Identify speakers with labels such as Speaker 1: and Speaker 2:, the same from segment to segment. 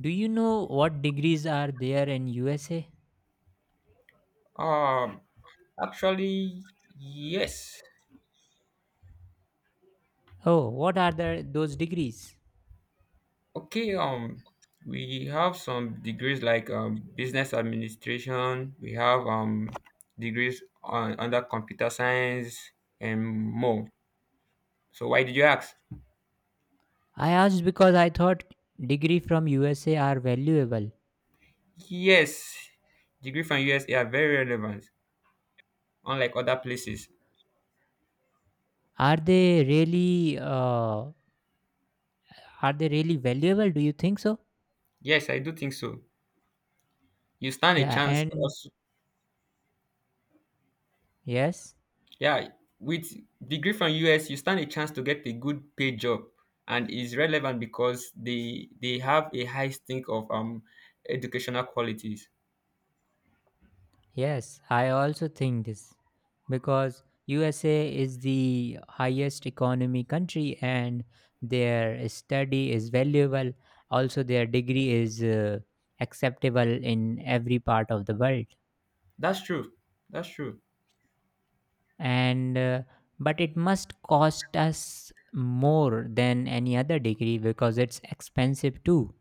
Speaker 1: Do you know what degrees are there in USA?
Speaker 2: Um, actually, yes.
Speaker 1: Oh, what are those degrees?
Speaker 2: Okay. We have some degrees like business administration. We have degrees on, under computer science and more. So why did you ask?
Speaker 1: I asked because I thought degree from USA are valuable.
Speaker 2: Yes, degree from USA are very relevant, unlike other places.
Speaker 1: Are they really uh, are they really valuable? Do you think so?
Speaker 2: Yes, I do think so. You stand a
Speaker 1: Yeah,
Speaker 2: chance
Speaker 1: and
Speaker 2: also.
Speaker 1: yes.
Speaker 2: Yeah, with degree from US, you stand a chance to get a good paid job, and is relevant because they have a high stink of educational qualities.
Speaker 1: Yes, I also think this because USA is the highest economy country and their study is valuable, also their degree is acceptable in every part of the world,
Speaker 2: That's true. That's true.
Speaker 1: and but it must cost us more than any other degree because it's expensive too.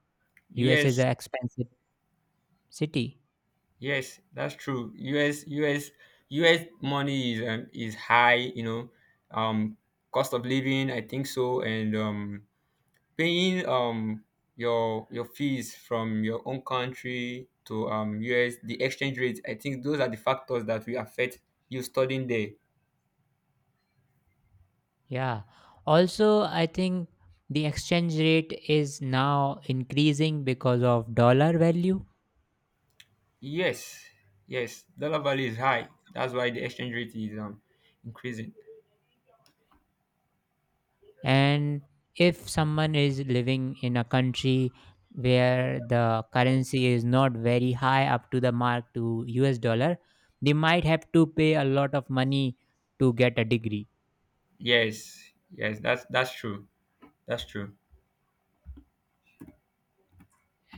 Speaker 1: USA
Speaker 2: Yes,
Speaker 1: is an expensive city.
Speaker 2: yes, that's true. US US money is high. You know, um, cost of living. I think so, and paying your fees from your own country to US, the exchange rate. I think those are the factors that will affect you studying there.
Speaker 1: Yeah. Also, I think the exchange rate is now increasing because of dollar value.
Speaker 2: Yes, yes, dollar value is high. That's why the exchange rate is increasing.
Speaker 1: And if someone is living in a country where the currency is not very high up to the mark to US dollar, they might have to pay a lot of money to get a degree.
Speaker 2: Yes, yes, that's true. That's true.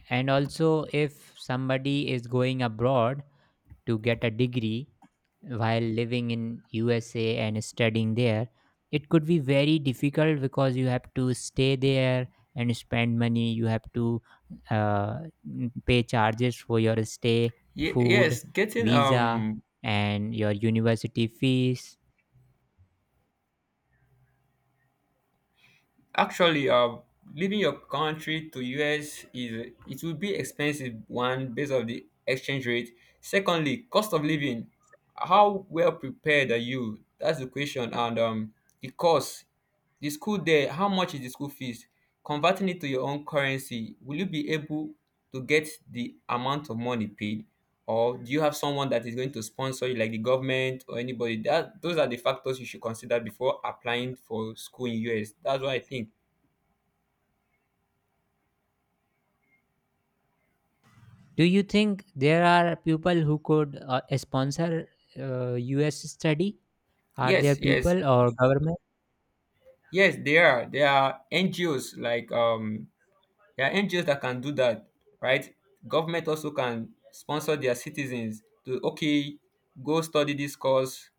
Speaker 1: And also, if somebody is going abroad, to get a degree while living in USA and studying there, it could be very difficult because you have to stay there and spend money. You have to uh, pay charges for your stay, food,
Speaker 2: Yes, getting
Speaker 1: visa, and your university fees.
Speaker 2: actually, leaving your country to US, is it will be expensive one based on the exchange rate. Secondly, cost of living. How well prepared are you? That's the question. And the cost, the school there. How much is the school fees? Converting it to your own currency, will you be able to get the amount of money paid, or do you have someone that is going to sponsor you, like the government or anybody? That those are the factors you should consider before applying for school in US. That's what I think.
Speaker 1: Do you think there are people who could sponsor US study? Are there
Speaker 2: Yes, yes,
Speaker 1: people or government?
Speaker 2: yes, they are. There are NGOs like there are NGOs that can do that, right? Government also can sponsor their citizens to okay, go study this course,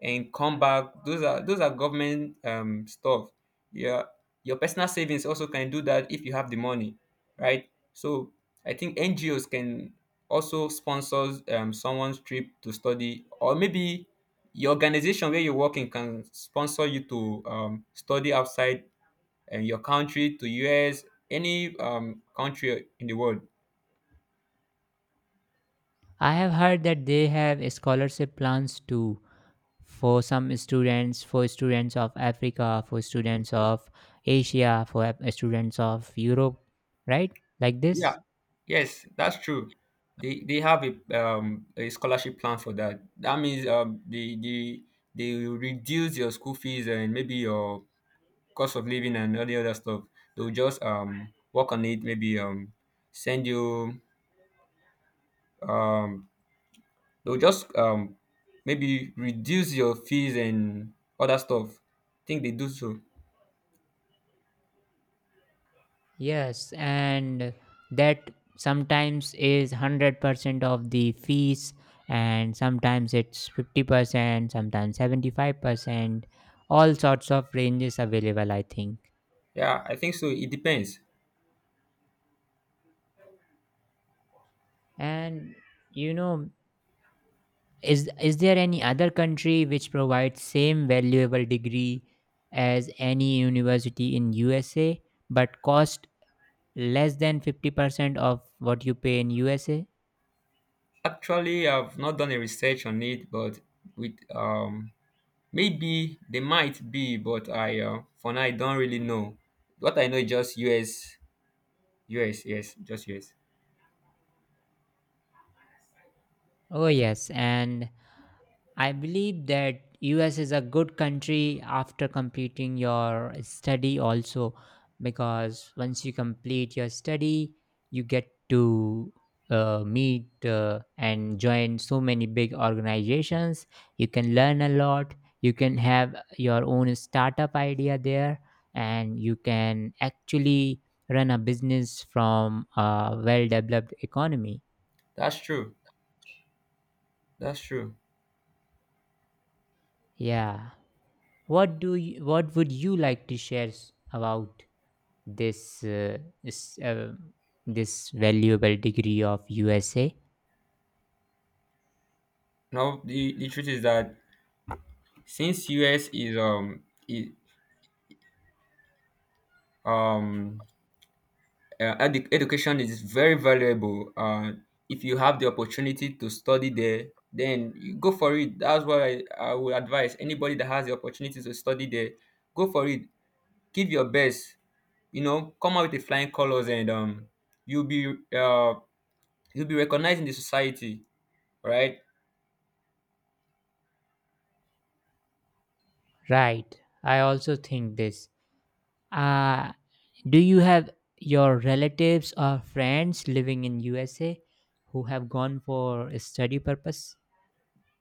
Speaker 2: and come back. Those are government stuff. Yeah, your personal savings also can do that if you have the money, right? So I think NGOs can also sponsor someone's trip to study, or maybe your organization where you're working can sponsor you to study outside your country to US, any country in the world.
Speaker 1: I have heard that they have scholarship plans too, for some students, for students of Africa, for students of Asia, for students of Europe, right? Like this.
Speaker 2: Yeah. Yes, that's true. They have a scholarship plan for that. That means the they will reduce your school fees and maybe your cost of living and all the other stuff. They'll just work on it. Maybe send you, um they'll just maybe reduce your fees and other stuff. I think they do so.
Speaker 1: Yes, and that sometimes is 100% of the fees and sometimes it's 50%, sometimes 75%. All sorts of ranges available, I think.
Speaker 2: Yeah, I think so. It depends.
Speaker 1: And you know is there any other country which provides same valuable degree as any university in USA but cost less than 50% of what you pay in USA?
Speaker 2: Actually, I've not done a research on it, but with maybe they might be, but I for now I don't really know. What I know is just US, US, yes, just US.
Speaker 1: Oh yes, and I believe that US is a good country after completing your study also, because once you complete your study you get to meet and join so many big organizations. You can learn a lot, you can have your own startup idea there, and you can actually run a business from a well developed economy.
Speaker 2: That's true. That's true.
Speaker 1: Yeah. What do you, what would you like to share about this s- uh, this valuable degree of USA?
Speaker 2: Now the truth is that since US is um education is very valuable. If you have the opportunity to study there, then you go for it. That's what I would advise anybody that has the opportunity to study there. Go for it. Give your best. You know, come out with the flying colors, and you'll be uh, you'll be recognized in the society, right?
Speaker 1: Right. I also think this. Uh, do you have your relatives or friends living in USA who have gone for a study purpose?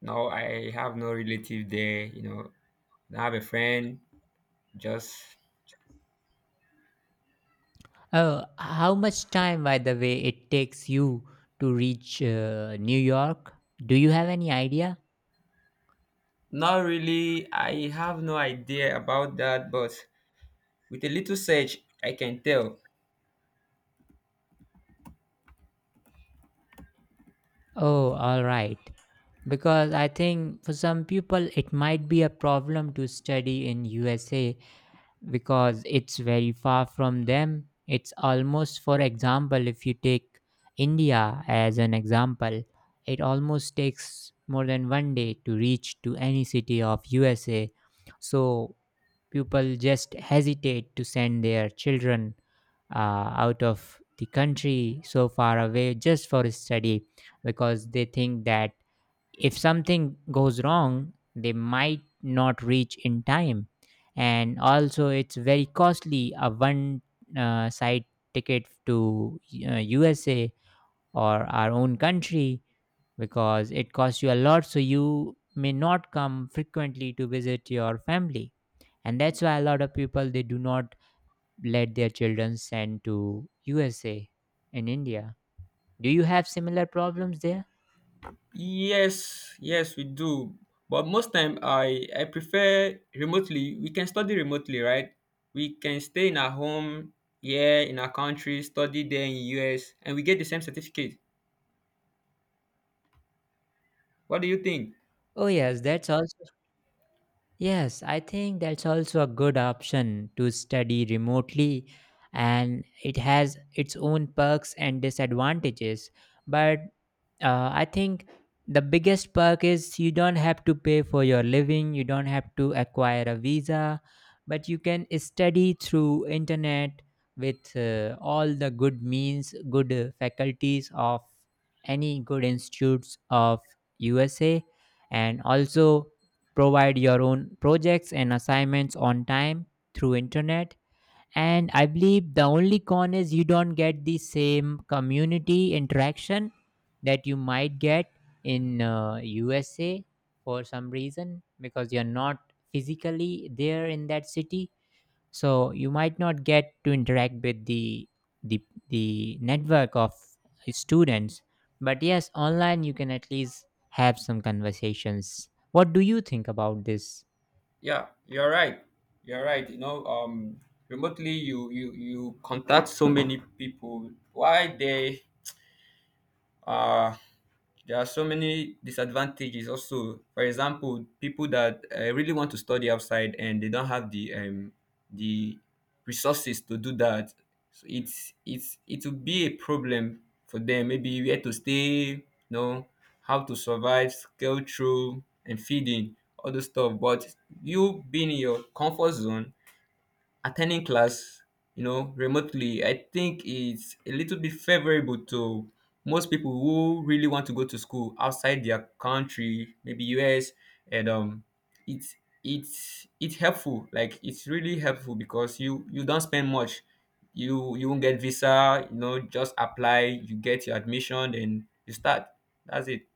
Speaker 2: No, I have no relative there. You know, I have a friend. Just
Speaker 1: Oh, how much time, by the way, it takes you to reach New York? Do you have any idea?
Speaker 2: not really. I have no idea about that, but with a little search, I can tell.
Speaker 1: Oh, all right. Because I think for some people it might be a problem to study in USA because it's very far from them. It's almost, for example, if you take India as an example, it almost takes more than 1 day to reach to any city of USA. So people just hesitate to send their children out of the country so far away just for study because they think that if something goes wrong they might not reach in time, and also it's very costly, a one side ticket to USA or our own country, because it costs you a lot, so you may not come frequently to visit your family, and that's why a lot of people they do not let their children send to USA and India. Do you have similar problems there?
Speaker 2: Yes, yes, we do. But most time, I prefer remotely. We can study remotely, right? We can stay in our home, yeah, in our country, study there in US, and we get the same certificate. What do you think?
Speaker 1: Oh, yes, that's also. Yes, I think that's also a good option to study remotely, and it has its own perks and disadvantages. But I think the biggest perk is you don't have to pay for your living, you don't have to acquire a visa, but you can study through internet with all the good means, good faculties of any good institutes of USA, and also provide your own projects and assignments on time through internet. And I believe the only con is you don't get the same community interaction that you might get in USA for some reason because you're not physically there in that city. So you might not get to interact with the the network of students. But yes, online you can at least have some conversations. What do you think about this?
Speaker 2: Yeah, you're right. You're right. You know, remotely, you contact so many people. Why they uh there are so many disadvantages also. For example, people that really want to study outside and they don't have the the resources to do that, so it's it will be a problem for them. Maybe where to stay, you know, how to survive, scale through, and feeding all those stuff. But you being in your comfort zone, attending class, you know, remotely, I think it's a little bit favorable to most people who really want to go to school outside their country, maybe US, and it's it's it's helpful. Like, it's really helpful because you don't spend much. You won't get visa. You know, just apply. You get your admission, then you start. That's it.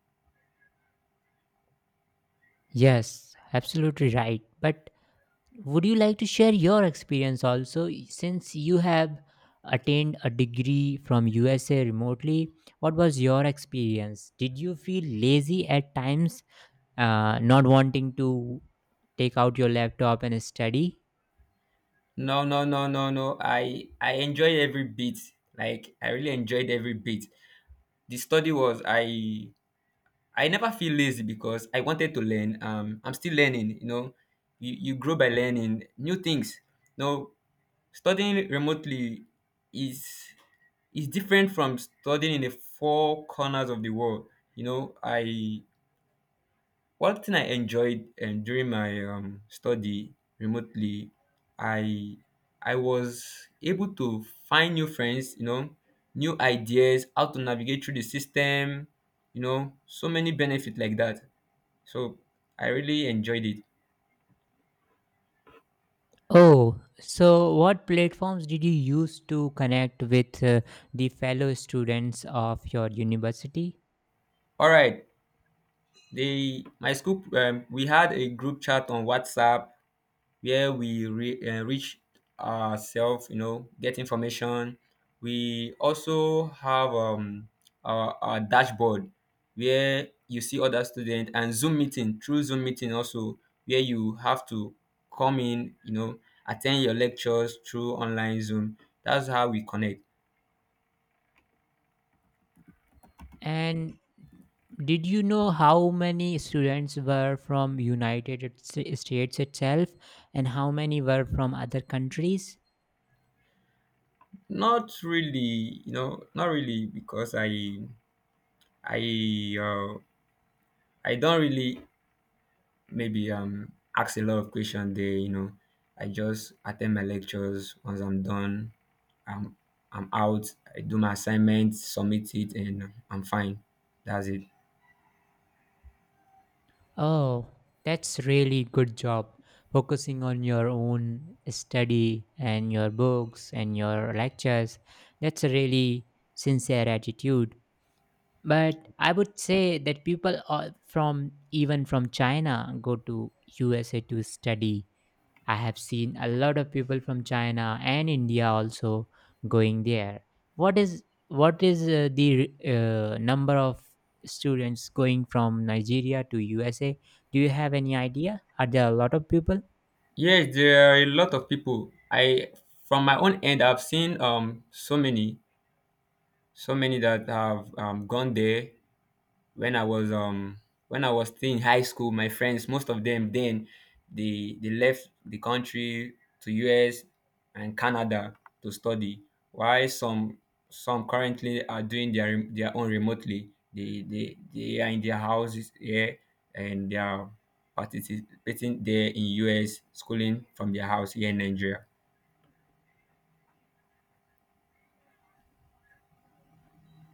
Speaker 1: Yes, absolutely right. But would you like to share your experience also, since you have attained a degree from usa remotely? What was your experience? Did you feel lazy at times, not wanting to take out your laptop and study?
Speaker 2: No, no, no, no, no. I enjoy every bit. Like, I really enjoyed every bit. The study was, I never feel lazy because I wanted to learn. I'm still learning. You know, you grow by learning new things. Now, studying remotely is is different from studying in the four corners of the world. You know, I one thing I enjoyed during my study remotely, I I was able to find new friends. You know, new ideas, how to navigate through the system. You know, so many benefits like that. So I really enjoyed it.
Speaker 1: Oh, so what platforms did you use to connect with the fellow students of your university?
Speaker 2: All right, they my school, we had a group chat on WhatsApp where we reach ourselves, you know, get information. We also have our dashboard where you see other students, and Zoom meeting through Zoom meeting also where you have to come in, you know, attend your lectures through online Zoom. That's how we connect.
Speaker 1: And did you know how many students were from United States itself and how many were from other countries?
Speaker 2: Not really, you know, not really because I uh, I don't really maybe ask a lot of questions there, you know. I just attend my lectures. Once I'm done, I'm I'm out, I do my assignment, submit it, and I'm fine. That's it.
Speaker 1: Oh, that's really good job. Focusing on your own study and your books and your lectures. That's a really sincere attitude. But I would say that people are from, even from China, go to USA to study. I have seen a lot of people from China and India also going there. What is the number of students going from Nigeria to USA? Do you have any idea? Are there a lot of people?
Speaker 2: Yes, there are a lot of people. I From my own end I've seen so many, so many that have gone there. When I was when I was still in high school, my friends, most of them then, they left the country to US and Canada to study, while some currently are doing their their own remotely. They are in their houses here, and they are participating there in US schooling from their house here in Nigeria.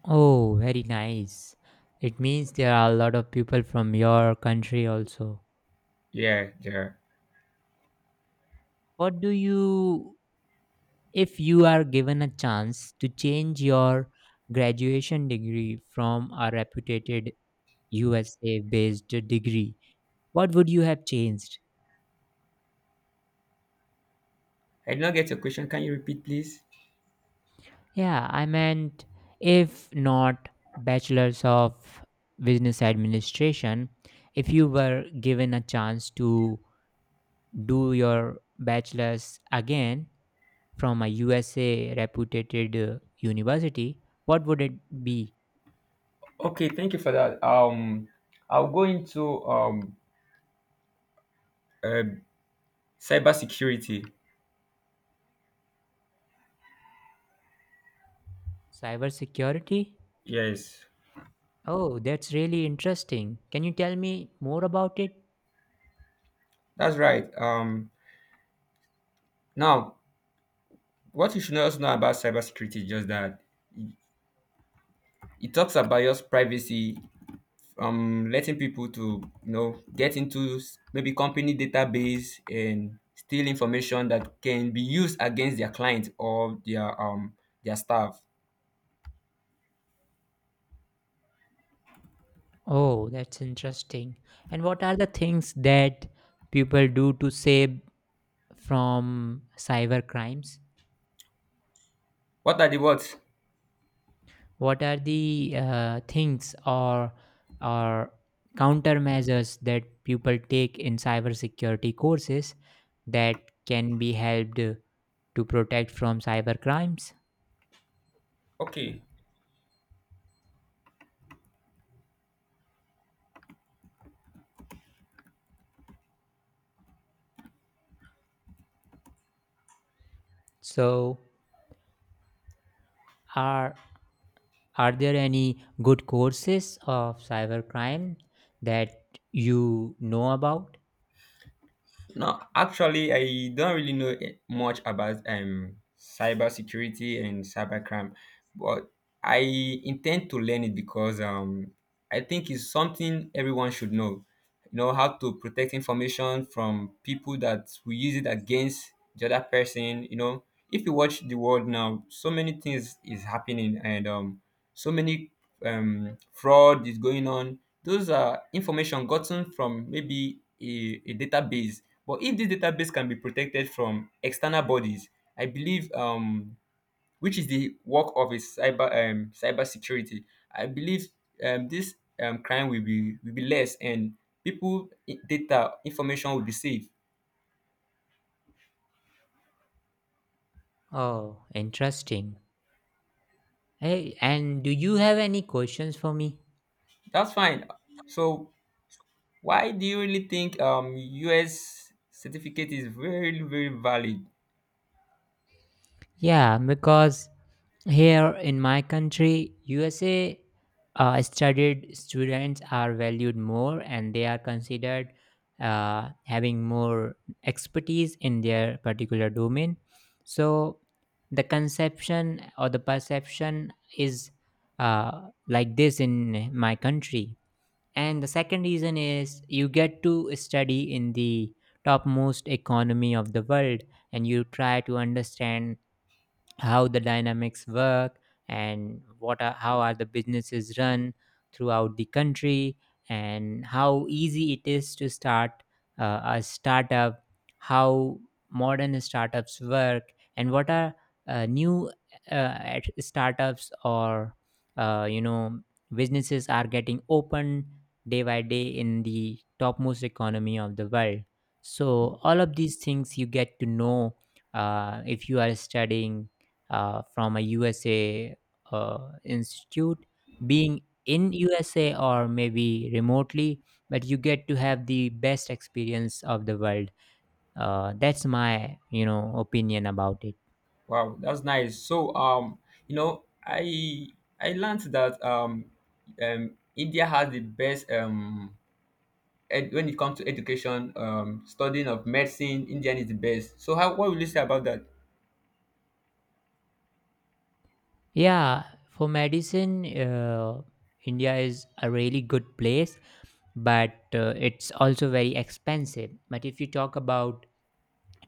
Speaker 1: Oh, very nice. It means there are a lot of people from your country also.
Speaker 2: Yeah, there.
Speaker 1: What do you, if you are given a chance to change your graduation degree from a reputed USA based degree, what would you have changed?
Speaker 2: I did not get your question. Can you repeat, please?
Speaker 1: Yeah, I meant if not bachelor's of business administration, if you were given a chance to do your bachelor's again from a USA reputed university, what would it be?
Speaker 2: Okay, thank you for that. I'll go into um, cybersecurity.
Speaker 1: Cybersecurity?
Speaker 2: Yes,
Speaker 1: Oh, that's really interesting. Can you tell me more about it?
Speaker 2: that's right. Now, what you should also know about cybersecurity is just that it talks about your privacy, letting people to you know get into maybe company database and steal information that can be used against their client or their their staff.
Speaker 1: Oh, that's interesting. And what are the things that people do to save from cyber crimes?
Speaker 2: What are the what?
Speaker 1: What are the things or countermeasures that people take in cybersecurity courses that can be helped to protect from cyber crimes?
Speaker 2: Okay,
Speaker 1: So, are are there any good courses of cyber crime that you know about?
Speaker 2: no, actually, I don't really know eh, much about cybersecurity and cybercrime, but I intend to learn it because I think it's something everyone should know. You know how to protect information from people that will use it against the other person. You know, if you watch the world now, so many things is happening, and so many fraud is going on. Those are information gotten from maybe a database, but if this database can be protected from external bodies, I believe, which is the work of a cyber cyber security, I believe this crime will be less, and people data information will be safe.
Speaker 1: Oh, interesting. Hey, and do you have any questions for me?
Speaker 2: That's fine. So why do you really think U.S. certificate is very very valid?
Speaker 1: Yeah, because here in my country, USA studied students are valued more, and they are considered having more expertise in their particular domain. So the conception or the perception is like this in my country. And the second reason is you get to study in the topmost economy of the world, and you try to understand how the dynamics work, and how are the businesses run throughout the country, and how easy it is to start a startup, how modern startups work, and what are new uh, startups or uh, you know businesses are getting opened day by day in the topmost economy of the world. So all of these things you get to know if you are studying from a USA institute, being in USA or maybe remotely, but you get to have the best experience of the world. That's my opinion about it.
Speaker 2: Wow, that's nice. So you know, I learned that India has the best when it comes to education, studying of medicine, Indian is the best. So how what will you say about that?
Speaker 1: Yeah, for medicine, India is a really good place, but it's also very expensive. But if you talk about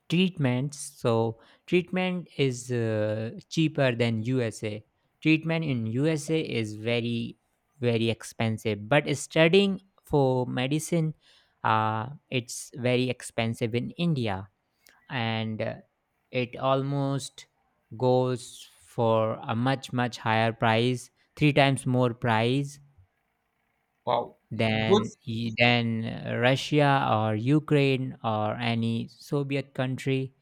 Speaker 1: treatments, so treatment is cheaper than usa. Treatment in usa is very very expensive, but studying for medicine, it's very expensive in india, and it almost goes for a much much higher price, three times more price
Speaker 2: Wow,
Speaker 1: than
Speaker 2: both.
Speaker 1: than russia or ukraine or any soviet country,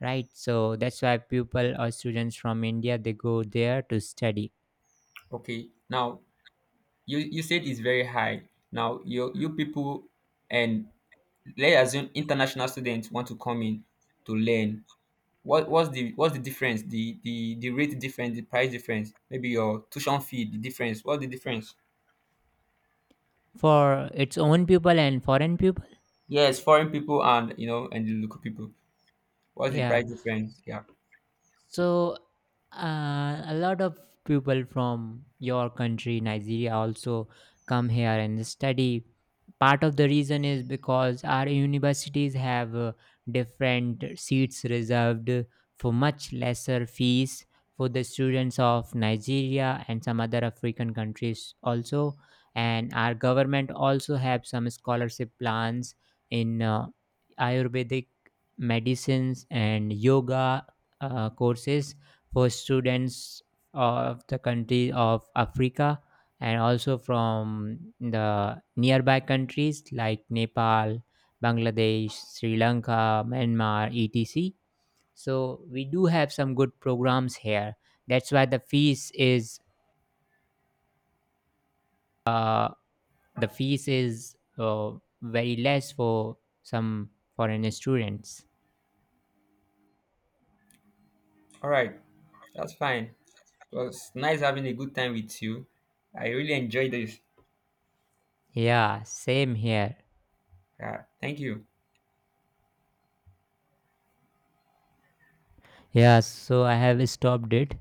Speaker 1: right? So that's why people or students from india, they go there to study,
Speaker 2: Okay, now you said it's very high. Now you people and let's assume international students want to come in to learn. What what's the difference? The rate difference, the price difference, maybe your tuition fee, the difference. What's the difference?
Speaker 1: for its own people and foreign people.
Speaker 2: Yes, foreign people, and you know, and the local people. What's the
Speaker 1: Yeah.
Speaker 2: price difference? Yeah.
Speaker 1: So, a lot of people from your country, Nigeria, also come here and study. Part of the reason is because our universities have different seats reserved for much lesser fees for the students of Nigeria and some other African countries also. And our government also have some scholarship plans in Ayurvedic medicines and yoga courses for students of the country of Africa and also from the nearby countries like Nepal, Bangladesh, Sri Lanka, Myanmar, etc. So we do have some good programs here. That's why the fees is uh, the fees is uh, very less for some foreign students.
Speaker 2: All right, that's fine. It was nice having a good time with you. I really enjoyed this.
Speaker 1: Yeah, same here.
Speaker 2: Thank you.
Speaker 1: Yeah, so I have stopped it.